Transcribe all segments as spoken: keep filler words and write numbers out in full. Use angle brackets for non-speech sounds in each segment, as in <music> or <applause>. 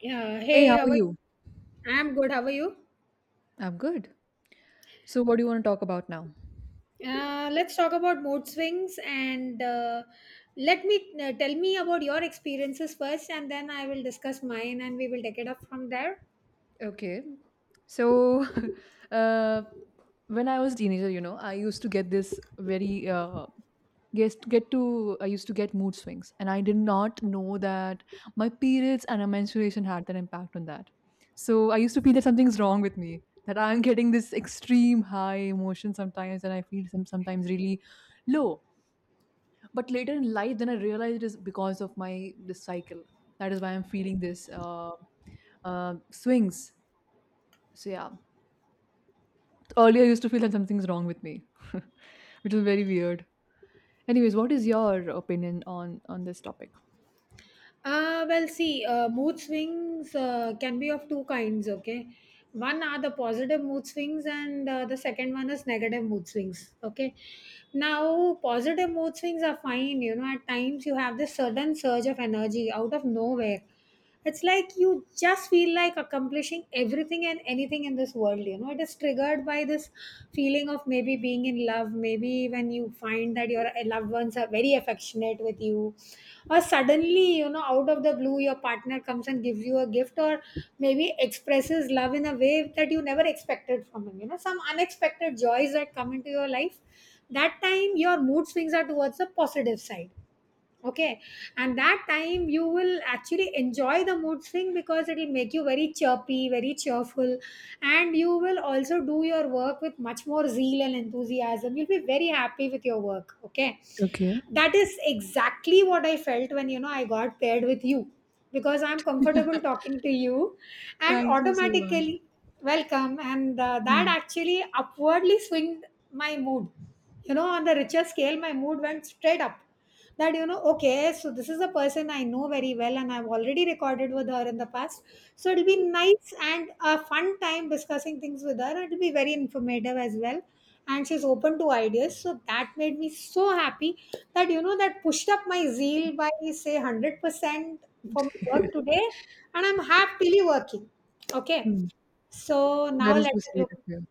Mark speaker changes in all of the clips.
Speaker 1: Yeah.
Speaker 2: Hey,
Speaker 1: Hey,
Speaker 2: how
Speaker 1: how
Speaker 2: are
Speaker 1: are you?
Speaker 2: you?
Speaker 1: I'm good. How are you?
Speaker 2: I'm good. So, what do you want to talk about now?
Speaker 1: Uh, let's talk about mood swings and uh, let me uh, tell me about your experiences first, and then I will discuss mine, and we will take it up from there.
Speaker 2: Okay. So, <laughs> uh, when I was a teenager, you know, I used to get this very uh, get get to I used to get mood swings, and I did not know that my periods and my menstruation had an impact on that. So, I used to feel that something's wrong with me, that I'm getting this extreme high emotion sometimes, and I feel some sometimes really low. But later in life, then I realized it is because of my this cycle. That is why I'm feeling this uh, uh, swings. So yeah, earlier I used to feel that something's wrong with me, <laughs> which is very weird. Anyways, what is your opinion on on this topic?
Speaker 1: Uh, well, see, uh, mood swings uh, can be of two kinds, okay? One are the positive mood swings, and uh, the second one is negative mood swings, okay? Now, positive mood swings are fine, you know, at times you have this sudden surge of energy out of nowhere. It's like you just feel like accomplishing everything and anything in this world, you know. It is triggered by this feeling of maybe being in love, maybe when you find that your uh, loved ones are very affectionate with you, or suddenly, you know, out of the blue your partner comes and gives you a gift, or maybe expresses love in a way that you never expected from him, you know, some unexpected joys that come into your life. That time your mood swings are towards the positive side, okay? And that time you will actually enjoy the mood swing because it will make you very chirpy, very cheerful, and you will also do your work with much more zeal and enthusiasm. You'll be very happy with your work, okay?
Speaker 2: Okay.
Speaker 1: That is exactly what I felt when, you know, I got paired with you, because I'm comfortable talking to you and automatically welcome, and uh, that
Speaker 2: Mm.
Speaker 1: actually upwardly swinged my mood. You know, on the richer scale my mood went straight up. That, you know, okay, so this is a person I know very well, and I've already recorded with her in the past, so it'll be nice and a fun time discussing things with her. It'll be very informative as well, and she's open to ideas, so that made me so happy, that, you know, that pushed up my zeal by, say, one hundred percent for my work today, and I'm happily working. Okay,
Speaker 2: Mm. <laughs>
Speaker 1: so
Speaker 2: That
Speaker 1: now
Speaker 2: is
Speaker 1: let
Speaker 2: the
Speaker 1: us
Speaker 2: sweet
Speaker 1: look.
Speaker 2: of you.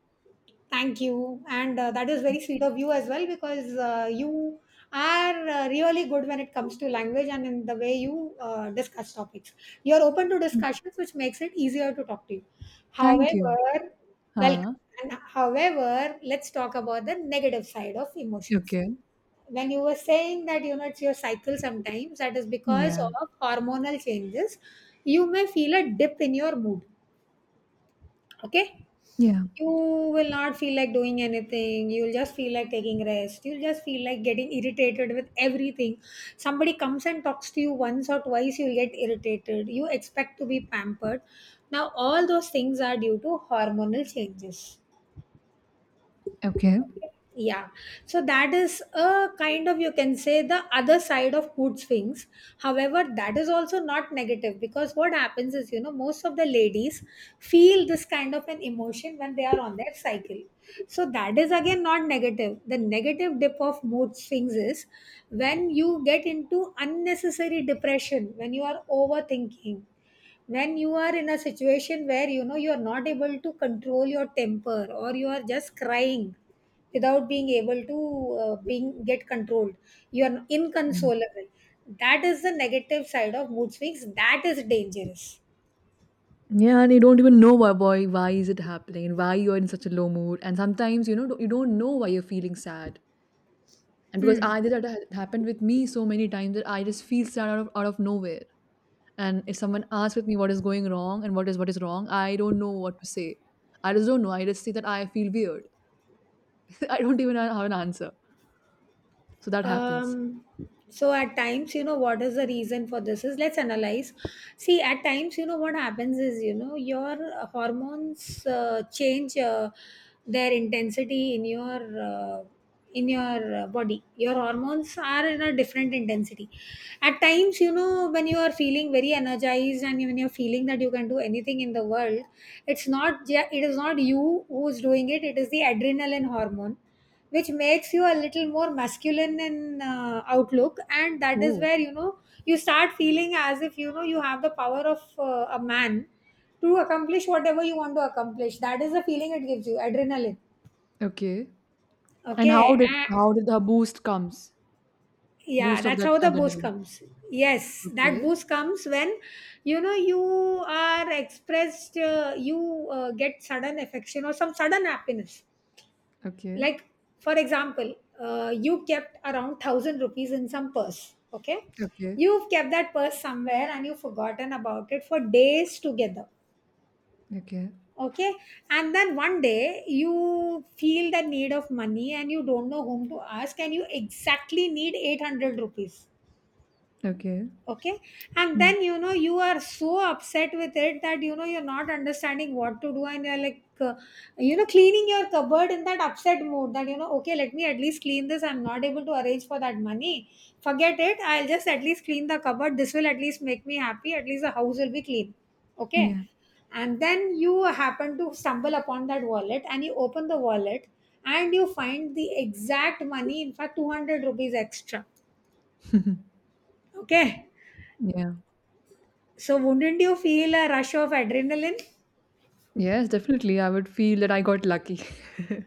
Speaker 1: Thank you. And uh, that is very sweet of you as well, because uh, you are uh, really good when it comes to language and in the way you uh, discuss topics. You're open to
Speaker 2: Mm.
Speaker 1: discussions, which makes it easier to talk to you.
Speaker 2: Thank you.
Speaker 1: However, welcome.
Speaker 2: Huh?
Speaker 1: And however, let's talk about the negative side of emotions.
Speaker 2: Okay.
Speaker 1: When you were saying that, you know, it's your cycle sometimes, that is because
Speaker 2: Yeah.
Speaker 1: of hormonal changes, you may feel a dip in your mood. Okay,
Speaker 2: Yeah.
Speaker 1: you will not feel like doing anything, you'll just feel like taking rest, you'll just feel like getting irritated with everything. Somebody comes and talks to you once or twice, you'll get irritated, you expect to be pampered. Now all those things are due to hormonal changes.
Speaker 2: Okay.
Speaker 1: Yeah, so that is a kind of, you can say, the other side of food swings. However, that is also not negative, because what happens is, you know, most of the ladies feel this kind of an emotion when they are on their cycle. So that is again not negative. The negative dip of mood swings is when you get into unnecessary depression, when you are overthinking, when you are in a situation where, you know, you are not able to control your temper, or you are just crying without being able to uh, being get controlled. You are
Speaker 2: Mm.
Speaker 1: inconsolable. That is the negative side of mood swings. That is dangerous.
Speaker 2: Yeah, and you don't even know why why, why is it happening and why you're in such a low mood. And sometimes, you know, you don't know why you're feeling sad. And because
Speaker 1: Hmm.
Speaker 2: I did, that had happened with me so many times that I just feel sad out of, out of nowhere. And if someone asks with me what is going wrong and what is what is wrong, I don't know what to say. I just don't know. I just say that I feel weird. <laughs> I don't even have an answer. So that
Speaker 1: um
Speaker 2: happens.
Speaker 1: so at times, you know, what is the reason for this? Is, let's analyze. See, at times, you know, what happens is, you know, your hormones uh, change uh, their intensity in your uh, in your uh, body. Your hormones are in a different intensity. At times, you know, when you are feeling very energized, and when you're feeling that you can do anything in the world, it's not ju- it is not you who's doing it, it is the adrenaline hormone, which makes you a little more masculine in uh, outlook, and that is
Speaker 2: Oh,
Speaker 1: where, you know, you start feeling as if, you know, you have the power of uh, a man to accomplish whatever you want to accomplish. That is the feeling it gives you. Adrenaline,
Speaker 2: okay. And
Speaker 1: okay.
Speaker 2: how did
Speaker 1: Ah,
Speaker 2: how did the boost comes?
Speaker 1: yeah,
Speaker 2: Boost of
Speaker 1: that's
Speaker 2: that
Speaker 1: how the boost
Speaker 2: adrenaline.
Speaker 1: comes. Yes, that
Speaker 2: Okay
Speaker 1: boost comes when, you know, you are expressed uh, you uh, get sudden affection or some sudden happiness.
Speaker 2: okay.
Speaker 1: Like, for example, uh, you kept around one thousand rupees in some purse, okay?
Speaker 2: Okay.
Speaker 1: You've kept that purse somewhere and you've forgotten about it for days together,
Speaker 2: Okay.
Speaker 1: okay. And then one day you feel the need of money, and you don't know whom to ask, and you exactly need eight hundred rupees,
Speaker 2: Okay.
Speaker 1: okay. And
Speaker 2: Hmm.
Speaker 1: then, you know, you are so upset with it that, you know, you're not understanding what to do, and you're like, uh, you know, cleaning your cupboard in that upset mood, that, you know, okay, let me at least clean this. I'm not able to arrange for that money, forget it, I'll just at least clean the cupboard. This will at least make me happy, at least the house will be clean, okay.
Speaker 2: Yeah.
Speaker 1: And then you happen to stumble upon that wallet, and you open the wallet, and you find the exact money, in fact two hundred rupees extra,
Speaker 2: <laughs>
Speaker 1: okay.
Speaker 2: Yeah.
Speaker 1: So, wouldn't you feel a rush of adrenaline?
Speaker 2: Yes, definitely. I would feel that I got lucky.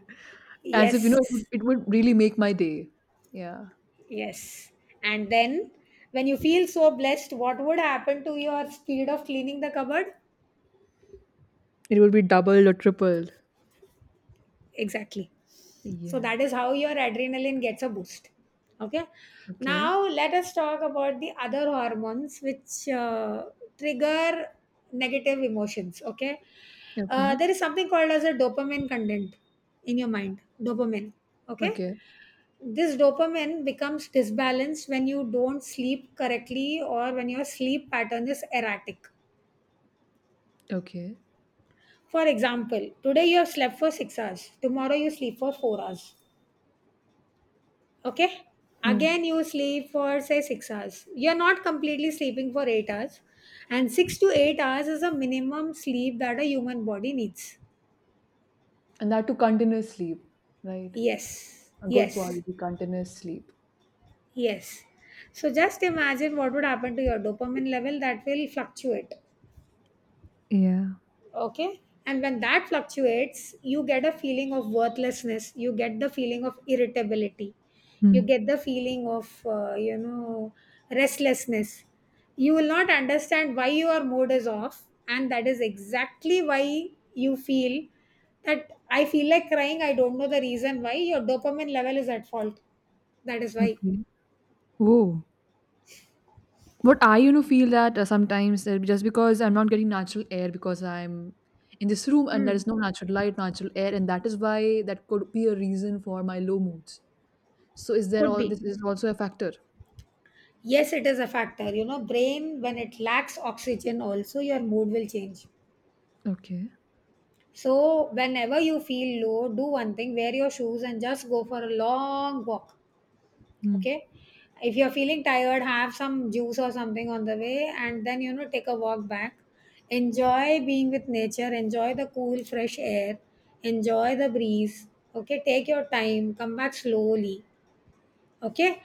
Speaker 2: <laughs> As if, you know, it would,
Speaker 1: Yes,
Speaker 2: it would really make my day. Yeah.
Speaker 1: yes. And then, when you feel so blessed, what would happen to your speed of cleaning the cupboard?
Speaker 2: It would be doubled or tripled.
Speaker 1: Exactly. So,
Speaker 2: Yeah.
Speaker 1: that is how your adrenaline gets a boost. Okay.
Speaker 2: Okay.
Speaker 1: Now, let us talk about the other hormones which uh, trigger negative emotions. Okay. Uh,
Speaker 2: Okay.
Speaker 1: there is something called as a dopamine content in your mind. Dopamine. Okay.
Speaker 2: Okay.
Speaker 1: This dopamine becomes disbalanced when you don't sleep correctly or when your sleep pattern is erratic.
Speaker 2: Okay.
Speaker 1: For example, today you have slept for six hours, tomorrow you sleep for four hours. Okay?
Speaker 2: Hmm.
Speaker 1: Again, you sleep for, say, six hours. You're not completely sleeping for eight hours. And six to eight hours is a minimum sleep that a human body needs.
Speaker 2: And that to continuous sleep, right?
Speaker 1: Yes,
Speaker 2: A good
Speaker 1: yes,
Speaker 2: quality continuous sleep.
Speaker 1: yes. So just imagine what would happen to your dopamine level. That will fluctuate.
Speaker 2: Yeah.
Speaker 1: Okay, and when that fluctuates, you get a feeling of worthlessness, you get the feeling of irritability, you
Speaker 2: Hmm.
Speaker 1: get the feeling of uh, you know, restlessness. You will not understand why your mood is off, and that is exactly why you feel that I feel like crying, I don't know the reason. Why? Your dopamine level is at fault, that is why.
Speaker 2: Okay. Oh. But I, you know, feel that uh, sometimes, uh, just because I'm not getting natural air, because I'm in this room and there
Speaker 1: Hmm.
Speaker 2: is no natural light, natural air, and that is why that could be a reason for my low moods. So is there
Speaker 1: Could
Speaker 2: all
Speaker 1: be.
Speaker 2: this is also a factor?
Speaker 1: Yes, it is a factor. You know, brain, when it lacks oxygen, also your mood will change.
Speaker 2: Okay.
Speaker 1: So, whenever you feel low, do one thing, wear your shoes and just go for a long walk.
Speaker 2: Hmm.
Speaker 1: Okay. If you're feeling tired, have some juice or something on the way, and then, you know, take a walk back. Enjoy being with nature, enjoy the cool, fresh air, enjoy the breeze. Okay, take your time, come back slowly. Okay.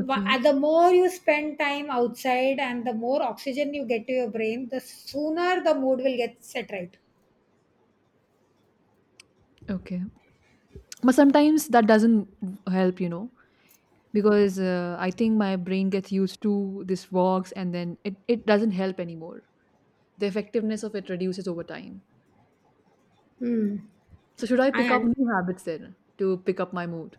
Speaker 1: Wha- and the more you spend time outside, and the more oxygen you get to your brain, the sooner the mood will get set right.
Speaker 2: Okay. But sometimes that doesn't help, you know, because uh, I think my brain gets used to these walks, and then it, it doesn't help anymore. The effectiveness of it reduces over time.
Speaker 1: Hmm.
Speaker 2: So should I
Speaker 1: I
Speaker 2: pick up
Speaker 1: un-
Speaker 2: new habits then to pick up my mood?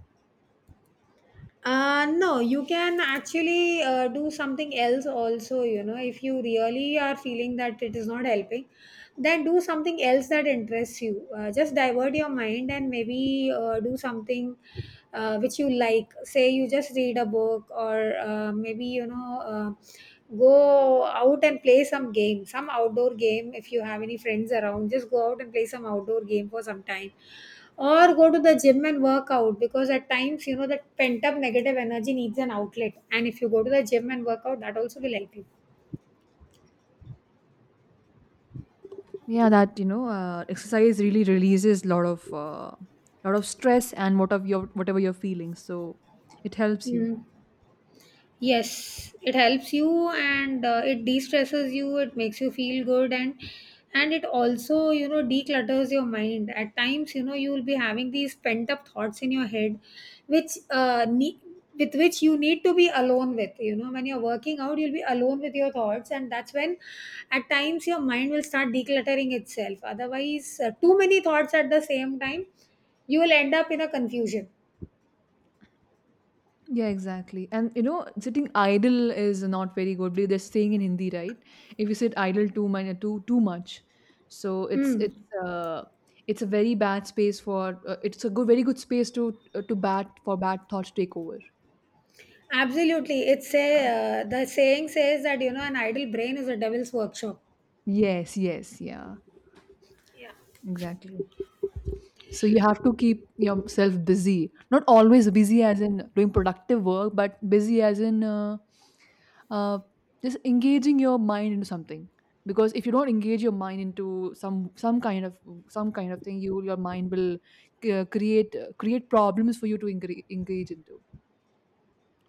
Speaker 1: Uh, no, you can actually uh, do something else also, you know, if you really are feeling that it is not helping, then do something else that interests you. Uh, just divert your mind, and maybe uh, do something uh, which you like. Say you just read a book, or uh, maybe, you know, uh, go out and play some game, some outdoor game. If you have any friends around, just go out and play some outdoor game for some time, or go to the gym and work out, because at times, you know, that pent up negative energy needs an outlet, and if you go to the gym and work out, that also will help you.
Speaker 2: Yeah, that you know uh, exercise really releases lot of uh, lot of stress and what of your whatever you're feeling, so it helps you.
Speaker 1: Mm. Yes, it helps you, and uh, it de-stresses you, it makes you feel good, and and it also, you know, declutters your mind. At times, you know, you will be having these pent-up thoughts in your head which uh ne- with which you need to be alone with, you know, when you're working out, you'll be alone with your thoughts, and that's when at times your mind will start decluttering itself. Otherwise, uh, too many thoughts at the same time, you will end up in a confusion.
Speaker 2: Yeah, exactly. And you know, sitting idle is not very good. They're saying in Hindi, right? If you sit idle too much, too too much. So it's
Speaker 1: Mm.
Speaker 2: it's uh, it's a very bad space for, uh, it's a good, very good space to to bat for bad thoughts to take over.
Speaker 1: Absolutely. It's a,
Speaker 2: Um,
Speaker 1: uh, the saying says that, you know, an idle brain is a devil's workshop.
Speaker 2: yes yes yeah, exactly. So you have to keep yourself busy. Not always busy as in doing productive work, but busy as in uh, uh, just engaging your mind into something. Because if you don't engage your mind into some some kind of some kind of thing, you, your mind will uh, create create problems for you to engage, engage into,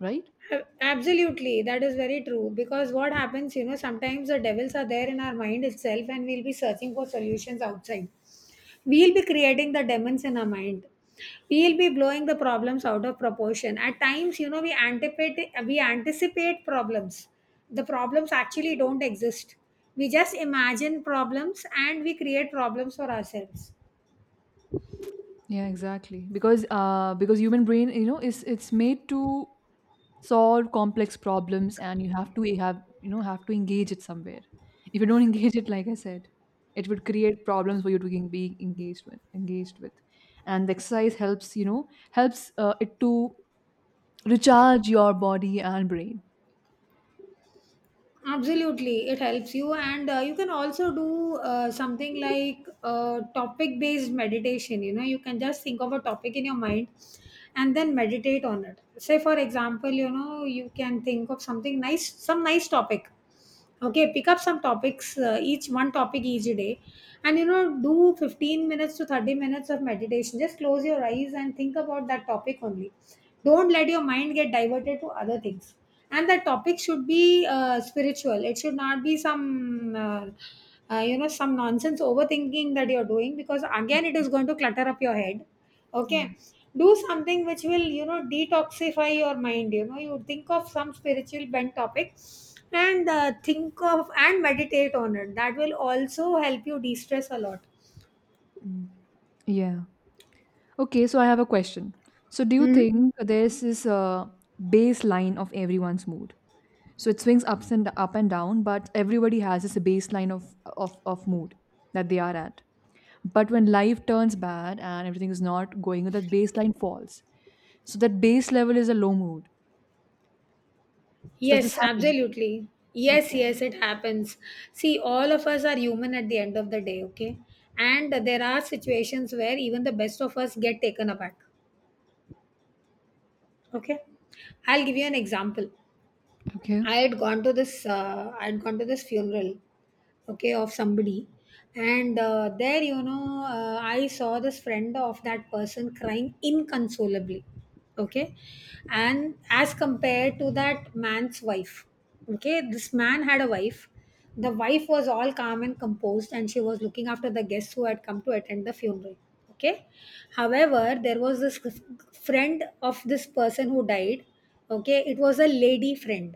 Speaker 2: right?
Speaker 1: A- Absolutely. That is very true. Because what happens, you know, sometimes the devils are there in our mind itself, and we'll be searching for solutions outside. We'll be creating the demons in our mind. We'll be blowing the problems out of proportion. At times, you know, we anticipate, we anticipate problems. The problems actually don't exist. We just imagine problems and we create problems for ourselves.
Speaker 2: Yeah, exactly. Because uh, because human brain, you know, is, it's made to solve complex problems, and you have to have, you know, have to engage it somewhere. If you don't <laughs> engage it, like I said, it would create problems for you to en- be engaged with. Engaged with, and the exercise helps, you know, helps uh, it to recharge your body and brain.
Speaker 1: Absolutely, it helps you, and uh, you can also do uh, something like uh, topic based meditation. You know, you can just think of a topic in your mind and then meditate on it. Say, for example, you know, you can think of something nice, some nice topic. Okay, pick up some topics, uh, each one topic each day, and you know, do fifteen minutes to thirty minutes of meditation. Just close your eyes and think about that topic only. Don't let your mind get diverted to other things, and the topic should be uh, spiritual. It should not be some uh, uh, you know, some nonsense overthinking that you're doing, because again it is going to clutter up your head.
Speaker 2: Yeah.
Speaker 1: Okay, do something which will, you know, detoxify your mind. You know, you think of some spiritual bent topic and uh, think of and meditate on it. That will also help you de-stress a lot.
Speaker 2: Mm. Yeah. Okay, so I have a question. So do you
Speaker 1: Mhm.
Speaker 2: think there's this uh, baseline of everyone's mood? So it swings ups and up and down, but everybody has this baseline of of, of mood that they are at. But when life turns bad and everything is not going well, that baseline falls. So that base level is a low mood. So does this
Speaker 1: Yes,
Speaker 2: happen?
Speaker 1: absolutely. Yes,
Speaker 2: Okay.
Speaker 1: yes, it happens. See, all of us are human at the end of the day, okay? And there are situations where even the best of us get taken aback, okay? I'll give you an example.
Speaker 2: Okay.
Speaker 1: I had gone to this, uh, I had gone to this funeral, okay, of somebody, and uh, there, you know, uh, I saw this friend of that person crying inconsolably, okay, and as compared to that man's wife. Okay, this man had a wife. The wife was all calm and composed and she was looking after the guests who had come to attend the funeral, okay. However, there was this f- friend of this person who died, okay, it was a lady friend,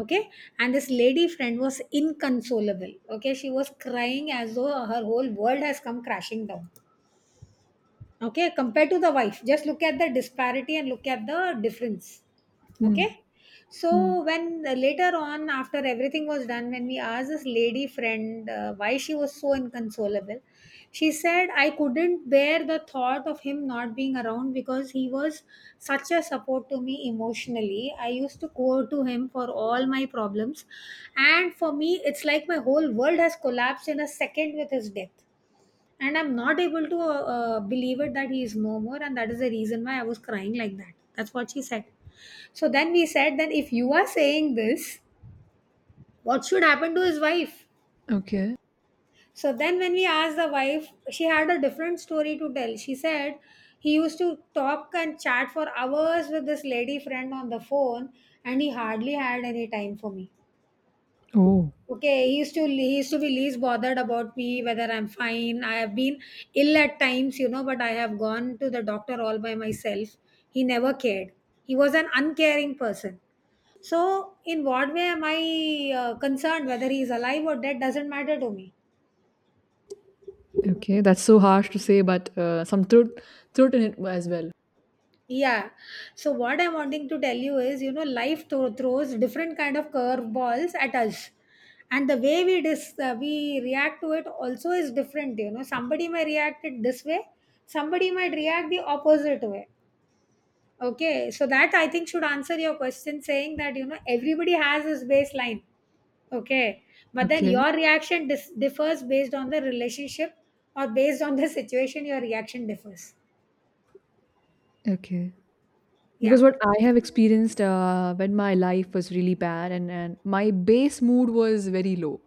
Speaker 1: okay. And this lady friend was inconsolable, okay, she was crying as though her whole world has come crashing down, okay. Compared to the wife, just look at the disparity and look at the difference,
Speaker 2: Hmm.
Speaker 1: okay. So
Speaker 2: Hmm.
Speaker 1: when, uh, later on, after everything was done, when we asked this lady friend uh, why she was so inconsolable, she said, I couldn't bear the thought of him not being around, because he was such a support to me emotionally. I used to go to him for all my problems, and for me it's like my whole world has collapsed in a second with his death, and I'm not able to uh, uh, believe it that he is no more, and that is the reason why I was crying like that. That's what she said. So then we said that if you are saying this, what should happen to his wife?
Speaker 2: Okay.
Speaker 1: So then when we asked the wife, she had a different story to tell. She said, he used to talk and chat for hours with this lady friend on the phone, and he hardly had any time for me.
Speaker 2: Oh,
Speaker 1: Okay, he used to, he used to be least bothered about me, whether I'm fine. I have been ill at times, you know, but I have gone to the doctor all by myself. He never cared. He was an uncaring person. So, in what way am I uh, concerned whether he is alive or dead? Doesn't matter to me.
Speaker 2: okay. That's so harsh to say, but uh, some truth truth in it as well.
Speaker 1: Yeah. So what I'm wanting to tell you is, you know, life thro- throws different kind of curveballs at us, and the way we dis- uh, we react to it also is different. You know, somebody may react it this way, somebody might react the opposite way. Okay. So that I think should answer your question, saying that, you know, everybody has his baseline. Okay, but then
Speaker 2: Okay.
Speaker 1: your reaction dis- differs based on the relationship or based on the <laughs> situation. Your reaction differs.
Speaker 2: Okay,
Speaker 1: Yeah.
Speaker 2: because what I have experienced, uh, when my life was really bad and, and my base mood was very low,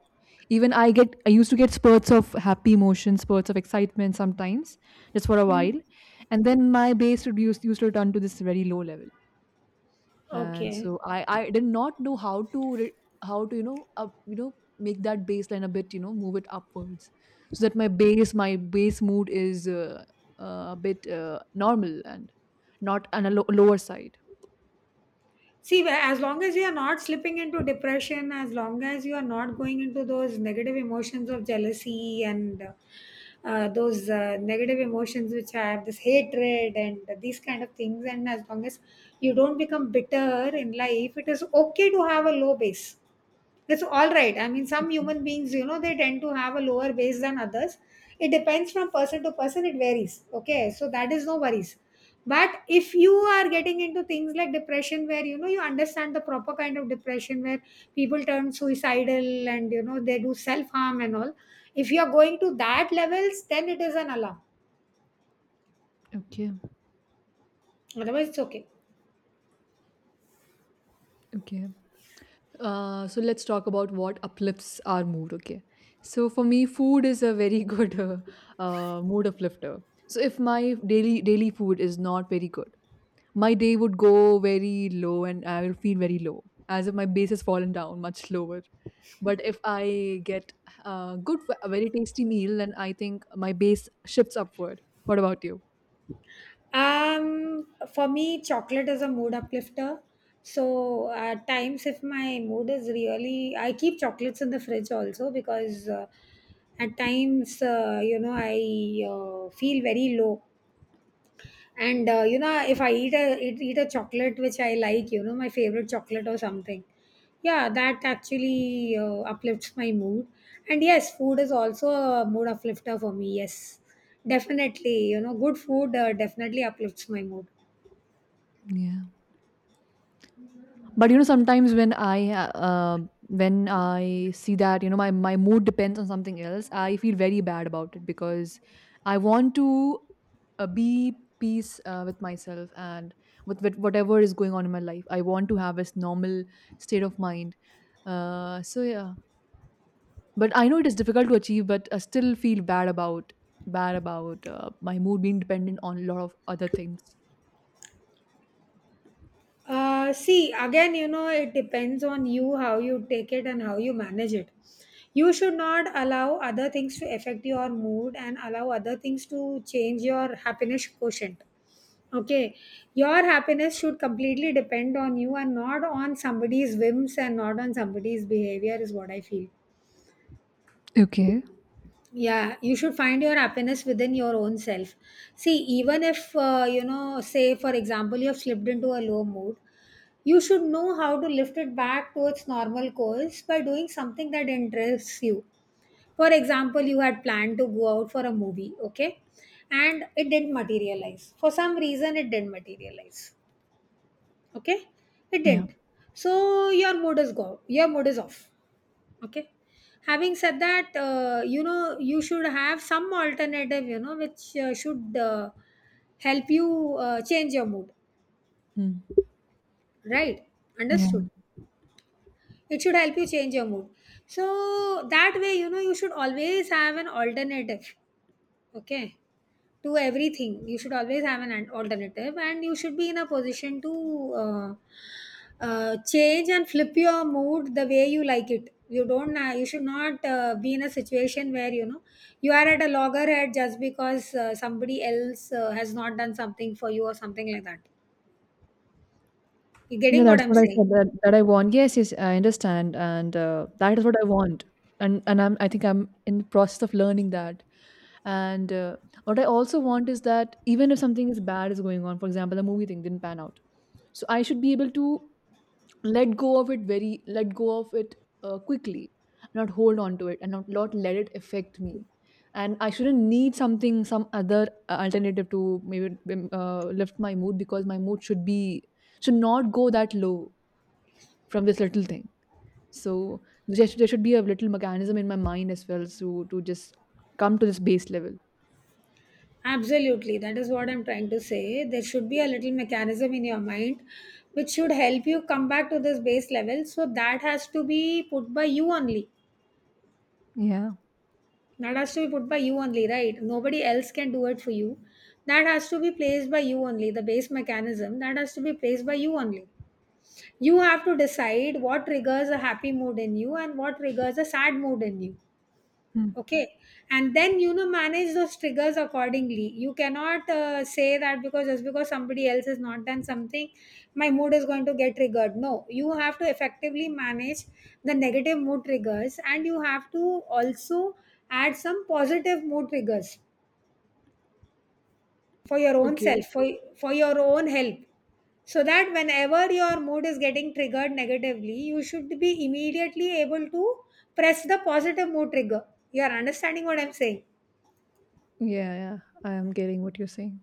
Speaker 2: even I get, I used to get spurts of happy emotion, spurts of excitement sometimes, just for a
Speaker 1: Hmm.
Speaker 2: while. And then my base would used, used to return to this very low level. And
Speaker 1: Okay.
Speaker 2: so i i did not know how to re- how to, you know, up, you know make that baseline a bit, you know, move it upwards, so that my base my base mood is uh, uh, a bit, uh, normal and not on a lo- lower side.
Speaker 1: See, wh- as long as you are not slipping into depression, as long as you are not going into those negative emotions of jealousy and uh, uh, those uh, negative emotions which have this hatred and these kind of things, and as long as you don't become bitter in life, it is okay to have a low base. It's all right. I mean, some
Speaker 2: Okay.
Speaker 1: human beings, you know, they tend to have a lower base than others. It depends from person to person, it varies. Okay, so that is no worries, but if you are getting into things like depression, where, you know, you understand the proper kind of depression, where people turn suicidal and, you know, they do self harm and all, if you are going to that levels, then it is an alarm.
Speaker 2: Okay.
Speaker 1: Otherwise, it's okay.
Speaker 2: Okay. Uh, so let's talk about what uplifts our mood, okay? So for me, food is a very <laughs> good, uh, uh, mood uplifter. So if my daily daily food is not very good, my day would go very low, and I will feel very low, as if my base has fallen down much lower. But if I get a good, a very tasty meal, then I think my base shifts upward. What about you?
Speaker 1: Um, for me, chocolate is a mood uplifter. So at times, if my mood is really, I keep chocolates in the fridge also because uh, at times, uh, you know, I uh, feel very low, and uh, you know, if I eat a eat, eat a chocolate which I like, you know, my favorite chocolate or something, yeah, that actually uh, uplifts my mood. And yes, food is also a mood uplifter for me, yes. Definitely, you know, good food uh, definitely uplifts my mood.
Speaker 2: But you know, sometimes when I uh, uh, when I see that, you know, my my mood depends on something else, I feel very bad about it. Because I want to uh, be peace, uh, with myself and with, with whatever is going on in my life. I want to have this normal state of mind. Uh, so yeah, but I know it is difficult to achieve, but I still feel bad about, bad about uh, my mood being dependent on a lot of other things.
Speaker 1: Uh, see, again, you know, it depends on you how you take it and how you manage it. You should not allow other things to affect your mood and allow other things to change your happiness quotient. Okay, your happiness should completely depend on you and not on somebody's whims and not on somebody's behavior, is what I feel.
Speaker 2: Okay.
Speaker 1: Yeah, you should find your happiness within your own self. See, even if, uh, you know, say for example, you have slipped into a low mood, you should know how to lift it back to its normal course by doing something that interests you. For example, you had planned to go out for a movie, okay, and it didn't materialize. For some reason, it didn't materialize, okay, it
Speaker 2: Yeah.
Speaker 1: didn't. So your mood is go your mood is off, okay. Having said that, uh, you know, you should have some alternative, you know, which uh, should uh, help you uh, change your mood,
Speaker 2: Hmm.
Speaker 1: right? Understood. It should help you change your mood. So that way, you know, you should always have an alternative, okay, to everything. You should always have an an alternative and you should be in a position to uh, Uh, change and flip your mood the way you like it. You don't. Uh, you should not uh, be in a situation where, you know, you are at a loggerhead just because uh, somebody else uh, has not done something for you or something like that. You
Speaker 2: Yeah,
Speaker 1: getting what
Speaker 2: that's
Speaker 1: I'm
Speaker 2: what I
Speaker 1: saying?
Speaker 2: said, that that I want. Yes, yes, I understand, and uh, that is what I want, and and I'm, I think I'm in the process of learning that. And uh, what I also want is that even if something is bad is going on, for example, the movie thing didn't pan out, so I should be able to let go of it very, let go of it, uh, quickly, not hold on to it, and not not let it affect me. And I shouldn't need something, some other uh, alternative to maybe um, uh, lift my mood, because my mood should be, should not go that low from this little thing. So there should, there should be a little mechanism in my mind as well, so to just come to this base level.
Speaker 1: Absolutely. That is what I'm trying to say. There should be a little mechanism in your mind which should help you come back to this base level. So that has to be put by you only.
Speaker 2: Yeah.
Speaker 1: That has to be put by you only, right? Nobody else can do it for you. That has to be placed by you only. The base mechanism that has to be placed by you only. You have to decide what triggers a happy mood in you and what triggers a sad mood in you,
Speaker 2: Hmm.
Speaker 1: okay, and then, you know, manage those triggers accordingly. You cannot uh, say that because, just because somebody else has not done something, my mood is going to get triggered. No, you have to effectively manage the negative mood triggers and you have to also add some positive mood triggers for your own
Speaker 2: Okay.
Speaker 1: self, for, for your own help, so that whenever your mood is getting triggered negatively, you should be immediately able to press the positive mood trigger. You are understanding what I'm saying?
Speaker 2: Yeah, yeah. I am getting what you're saying.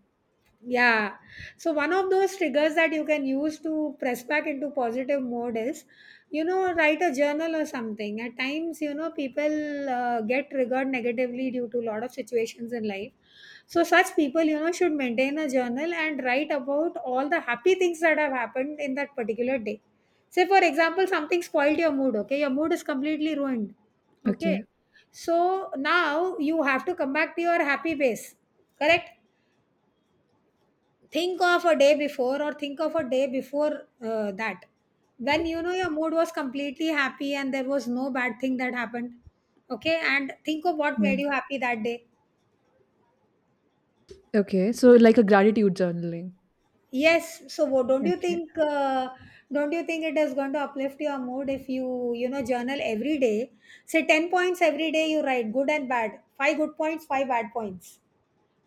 Speaker 1: Yeah. So one of those triggers that you can use to press back into positive mode is, you know, write a journal or something. At times, you know, people uh, get triggered negatively due to a lot of situations in life. So such people, you know, should maintain a journal and write about all the happy things that have happened in that particular day. Say, for example, something spoiled your mood. Okay, your mood is completely ruined.
Speaker 2: Okay.
Speaker 1: Okay. So now you have to come back to your happy base. Correct? Think of a day before, or think of a day before uh, that. When, you know, your mood was completely happy and there was no bad thing that happened. Okay, and think of what
Speaker 2: Yeah.
Speaker 1: made you happy that day.
Speaker 2: Okay. So like a gratitude journaling.
Speaker 1: Yes, so what, don't you
Speaker 2: Okay.
Speaker 1: think uh, don't you think it is going to uplift your mood if you, you know, journal every day? Say ten points every day you write, good and bad. Five good points, five bad points.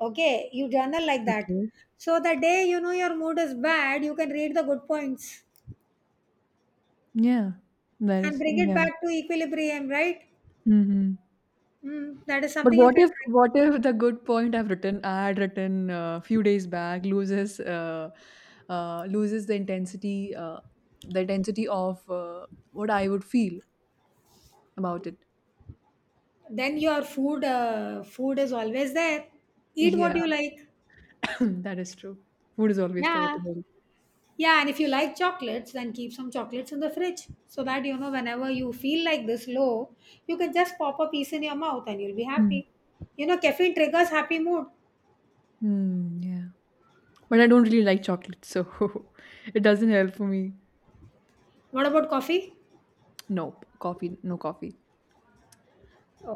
Speaker 1: Okay, you journal like that.
Speaker 2: Okay.
Speaker 1: So the day you know your mood is bad, you can read the good points
Speaker 2: Yeah. That
Speaker 1: and
Speaker 2: is,
Speaker 1: bring it
Speaker 2: yeah.
Speaker 1: back to equilibrium, right?
Speaker 2: Hmm.
Speaker 1: Mm, that is
Speaker 2: But
Speaker 1: something you
Speaker 2: what
Speaker 1: can
Speaker 2: if,
Speaker 1: try.
Speaker 2: what if the good point I've written, I had written a few days back, loses uh, uh, loses the intensity uh, the intensity of uh, what I would feel about it.
Speaker 1: Then your food uh, food is always there. Eat what
Speaker 2: Yeah,
Speaker 1: you like.
Speaker 2: <laughs> that is true. Food is always there
Speaker 1: Yeah,
Speaker 2: to help.
Speaker 1: yeah, and if you like chocolates then keep some chocolates in the fridge, so that you know whenever you feel like this low you can just pop a piece in your mouth and you'll be
Speaker 2: Mm.
Speaker 1: happy. You know, caffeine triggers happy mood.
Speaker 2: Mm, yeah. But I don't really like chocolate, so <laughs> it doesn't help for me.
Speaker 1: What about coffee?
Speaker 2: No, coffee, no coffee.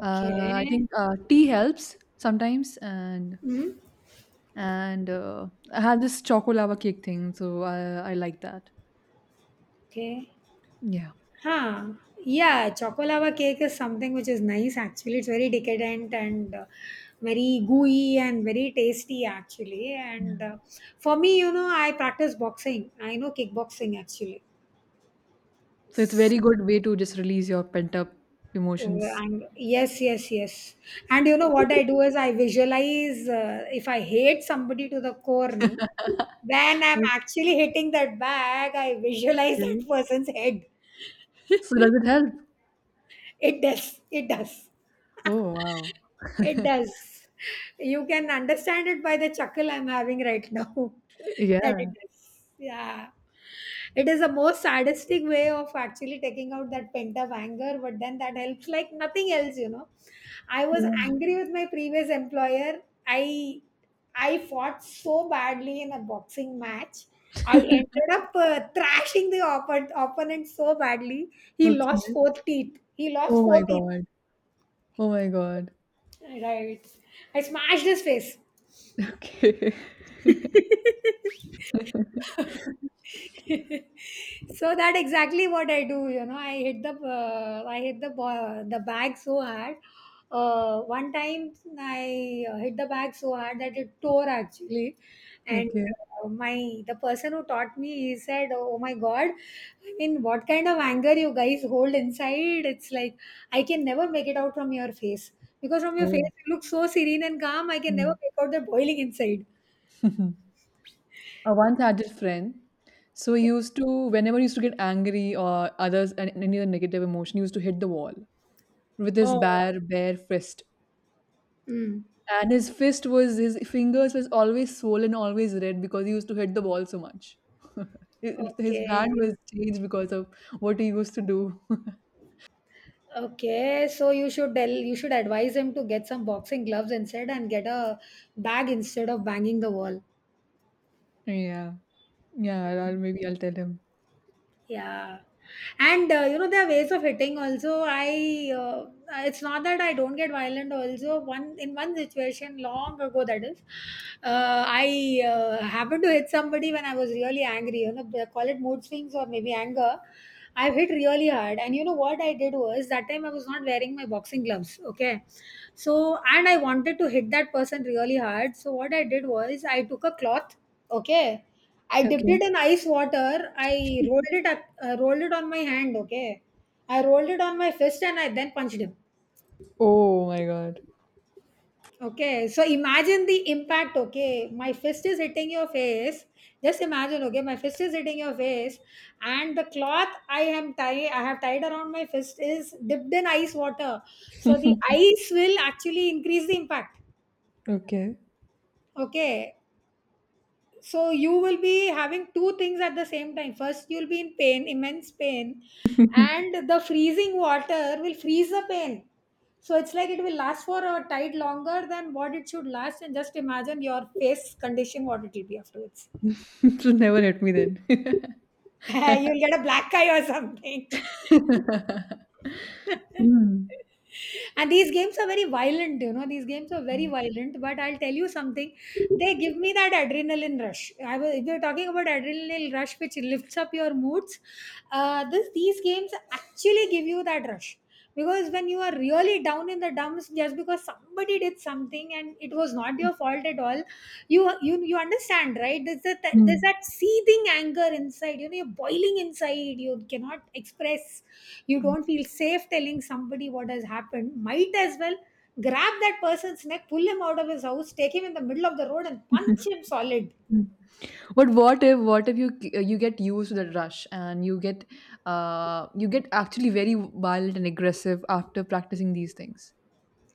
Speaker 2: Uh, I think uh, tea helps sometimes, and
Speaker 1: Hmm.
Speaker 2: and uh, I had this choco lava cake thing, so I, I like that.
Speaker 1: Okay.
Speaker 2: Yeah.
Speaker 1: Huh. Yeah, chocolava cake is something which is nice actually. It's very decadent and uh, very gooey and very tasty actually. And uh, For me, you know, I practice boxing. I know kickboxing actually.
Speaker 2: So it's a very good way to just release your pent up
Speaker 1: Uh,
Speaker 2: emotions.
Speaker 1: and yes, yes, yes. And you know what I do is I visualize, uh, if I hate somebody to the core, no, when I'm actually hitting that bag, I visualize <laughs> that
Speaker 2: Okay.
Speaker 1: person's head.
Speaker 2: So does it help?
Speaker 1: It does. It does.
Speaker 2: Oh wow.
Speaker 1: It
Speaker 2: <laughs>
Speaker 1: does. You can understand it by the chuckle I'm having right now. <laughs> that it
Speaker 2: Yeah.
Speaker 1: does. Yeah. It is a most sadistic way of actually taking out that pent up anger, but then that helps like nothing else, you know. I was
Speaker 2: Yeah.
Speaker 1: angry with my previous employer. I I fought so badly in a boxing match. I ended
Speaker 2: <laughs>
Speaker 1: up uh, thrashing the oppo- opponent so badly. He lost
Speaker 2: Okay.
Speaker 1: four teeth. He lost
Speaker 2: Oh my
Speaker 1: four teeth.
Speaker 2: god. Oh my god.
Speaker 1: Right. I smashed his face.
Speaker 2: Okay. <laughs>
Speaker 1: <laughs> So that exactly what I do. You know, I hit the uh, I hit the ba- the bag so hard. Uh, one time I uh, hit the bag so hard that it tore actually, and
Speaker 2: Okay.
Speaker 1: uh, my the person who taught me he said, "Oh my God, I mean, what kind of anger you guys hold inside? It's like I can never make it out from your face because from your face
Speaker 2: Oh.
Speaker 1: you look so serene and calm. I can never
Speaker 2: Mm.
Speaker 1: make out the boiling inside."
Speaker 2: <laughs> I once had this friend. So he used to, whenever he used to get angry or others and any other negative emotion, he used to hit the wall with his
Speaker 1: Oh.
Speaker 2: bare, bare fist.
Speaker 1: Mm.
Speaker 2: And his fist was, his fingers was always swollen, always red, because he used to hit the wall so much. <laughs> It- his hand
Speaker 1: Okay.
Speaker 2: was changed because of what he used to do. <laughs>
Speaker 1: Okay. So you should tell, you should advise him to get some boxing gloves instead and get a bag instead of banging the wall.
Speaker 2: Yeah. Yeah. I'll, maybe I'll tell him.
Speaker 1: Yeah, and uh, you know there are ways of hitting. Also, I uh, it's not that I don't get violent. Also, one in one situation long ago that is, uh, I uh, happened to hit somebody when I was really angry. You know, they call it mood swings or maybe anger. I hit really hard, and you know what I did was that time I was not wearing my boxing gloves. Okay, so and I wanted to hit that person really hard. So what I did was I took a cloth. Okay. I dipped it
Speaker 2: Okay.
Speaker 1: in ice water. I rolled it I rolled it on my hand. Okay, I rolled it on my fist, and I then punched him.
Speaker 2: Oh my God.
Speaker 1: Okay, so imagine the impact. Okay, my fist is hitting your face. Just imagine. Okay, my fist is hitting your face, and the cloth I am tie I have tied around my fist is dipped in ice water. So the
Speaker 2: <laughs>
Speaker 1: ice will actually increase the impact.
Speaker 2: Okay.
Speaker 1: Okay. So you will be having two things at the same time. First, you'll be in pain, immense pain,
Speaker 2: <laughs>
Speaker 1: and the freezing water will freeze the pain. So it's like it will last for a tide longer than what it should last, and just imagine your face condition, what it will be afterwards.
Speaker 2: So never hit me then.
Speaker 1: <laughs> You'll get a black eye or something.
Speaker 2: <laughs> Mm.
Speaker 1: And these games are very violent, you know, these games are very violent, but I'll tell you something. They give me that adrenaline rush. I was If you're talking about adrenaline rush which lifts up your moods, uh, this these games actually give you that rush. Because when you are really down in the dumps just because somebody did something and it was not your fault at all, you you you understand, right? There's that, there's
Speaker 2: Mm.
Speaker 1: that seething anger inside. You know, you're boiling inside, you cannot express, you
Speaker 2: Mm,
Speaker 1: don't feel safe telling somebody what has happened. Might as well grab that person's neck, pull him out of his house, take him in the middle of the road, and
Speaker 2: <laughs>
Speaker 1: punch him
Speaker 2: mm.
Speaker 1: solid.
Speaker 2: But what if, what if you you get used to that rush and you get, uh you get actually very violent and aggressive after practicing these things?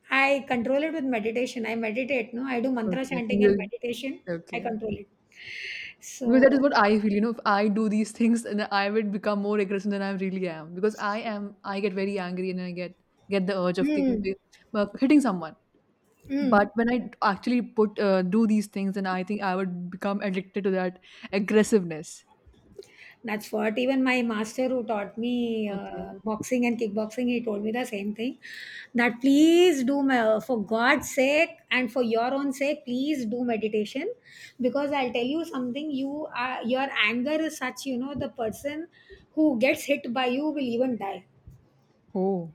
Speaker 1: I control it with meditation. I meditate, no? I do mantra
Speaker 2: Okay, so
Speaker 1: chanting and
Speaker 2: you,
Speaker 1: meditation. I
Speaker 2: okay.
Speaker 1: control it.
Speaker 2: Because that is
Speaker 1: So,
Speaker 2: what I feel, you know, if I do these things then I would become more aggressive than I really am. Because I am, I get very angry and I get get the urge of kicking,
Speaker 1: mm,
Speaker 2: uh, hitting someone. But
Speaker 1: mm.
Speaker 2: when I d- actually put uh, do these things, then I think I would become addicted to that aggressiveness.
Speaker 1: That's what even my master who taught me
Speaker 2: Okay.
Speaker 1: uh, boxing and kickboxing, he told me the same thing. That please do, ma- for God's sake and for your own sake, please do meditation, because I'll tell you something. You are your anger is such, you know, the person who gets hit by you will even die.
Speaker 2: Oh,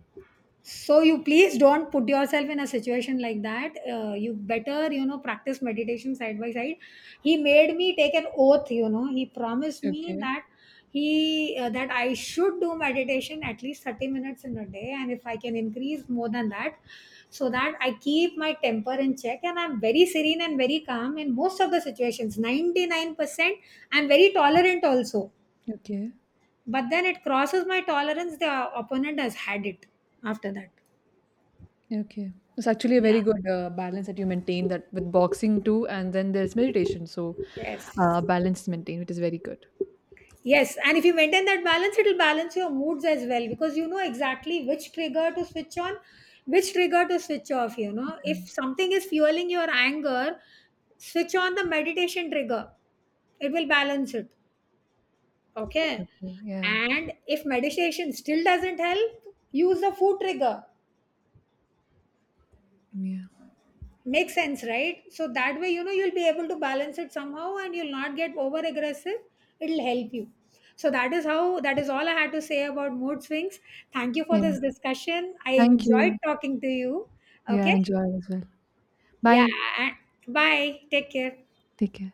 Speaker 1: So you please don't put yourself in a situation like that. Uh, you better, you know, practice meditation side by side. He made me take an oath, you know, he promised me
Speaker 2: okay.
Speaker 1: that he uh, that I should do meditation at least thirty minutes in a day, and if I can increase more than that, so that I keep my temper in check and I'm very serene and very calm in most of the situations, ninety-nine percent. I'm very tolerant also,
Speaker 2: Okay,
Speaker 1: but then it crosses my tolerance, the opponent has had it after that.
Speaker 2: okay. It's actually a
Speaker 1: Yeah.
Speaker 2: very good uh, balance that you maintain, that with boxing too, and then there's meditation. So, uh,
Speaker 1: Yes.
Speaker 2: balance is maintained, which is very good.
Speaker 1: Yes. And if you maintain that balance, it'll balance your moods as well, because you know exactly which trigger to switch on, which trigger to switch off. You know, if something is fueling your anger, switch on the meditation trigger, it will balance it.
Speaker 2: Yeah.
Speaker 1: Okay.
Speaker 2: Okay. Yeah.
Speaker 1: And if meditation still doesn't help, use the food trigger.
Speaker 2: Yeah.
Speaker 1: Makes sense, right? So that way, you know, you'll be able to balance it somehow and you'll not get over aggressive. It'll help you. So that is how, that is all I had to say about mood swings. Thank you for
Speaker 2: Yeah.
Speaker 1: this discussion. I
Speaker 2: Thank
Speaker 1: enjoyed
Speaker 2: you.
Speaker 1: talking to you.
Speaker 2: Yeah,
Speaker 1: Okay.
Speaker 2: enjoy as well.
Speaker 1: Yeah.
Speaker 2: Bye.
Speaker 1: and- Bye. Take care.
Speaker 2: Take care.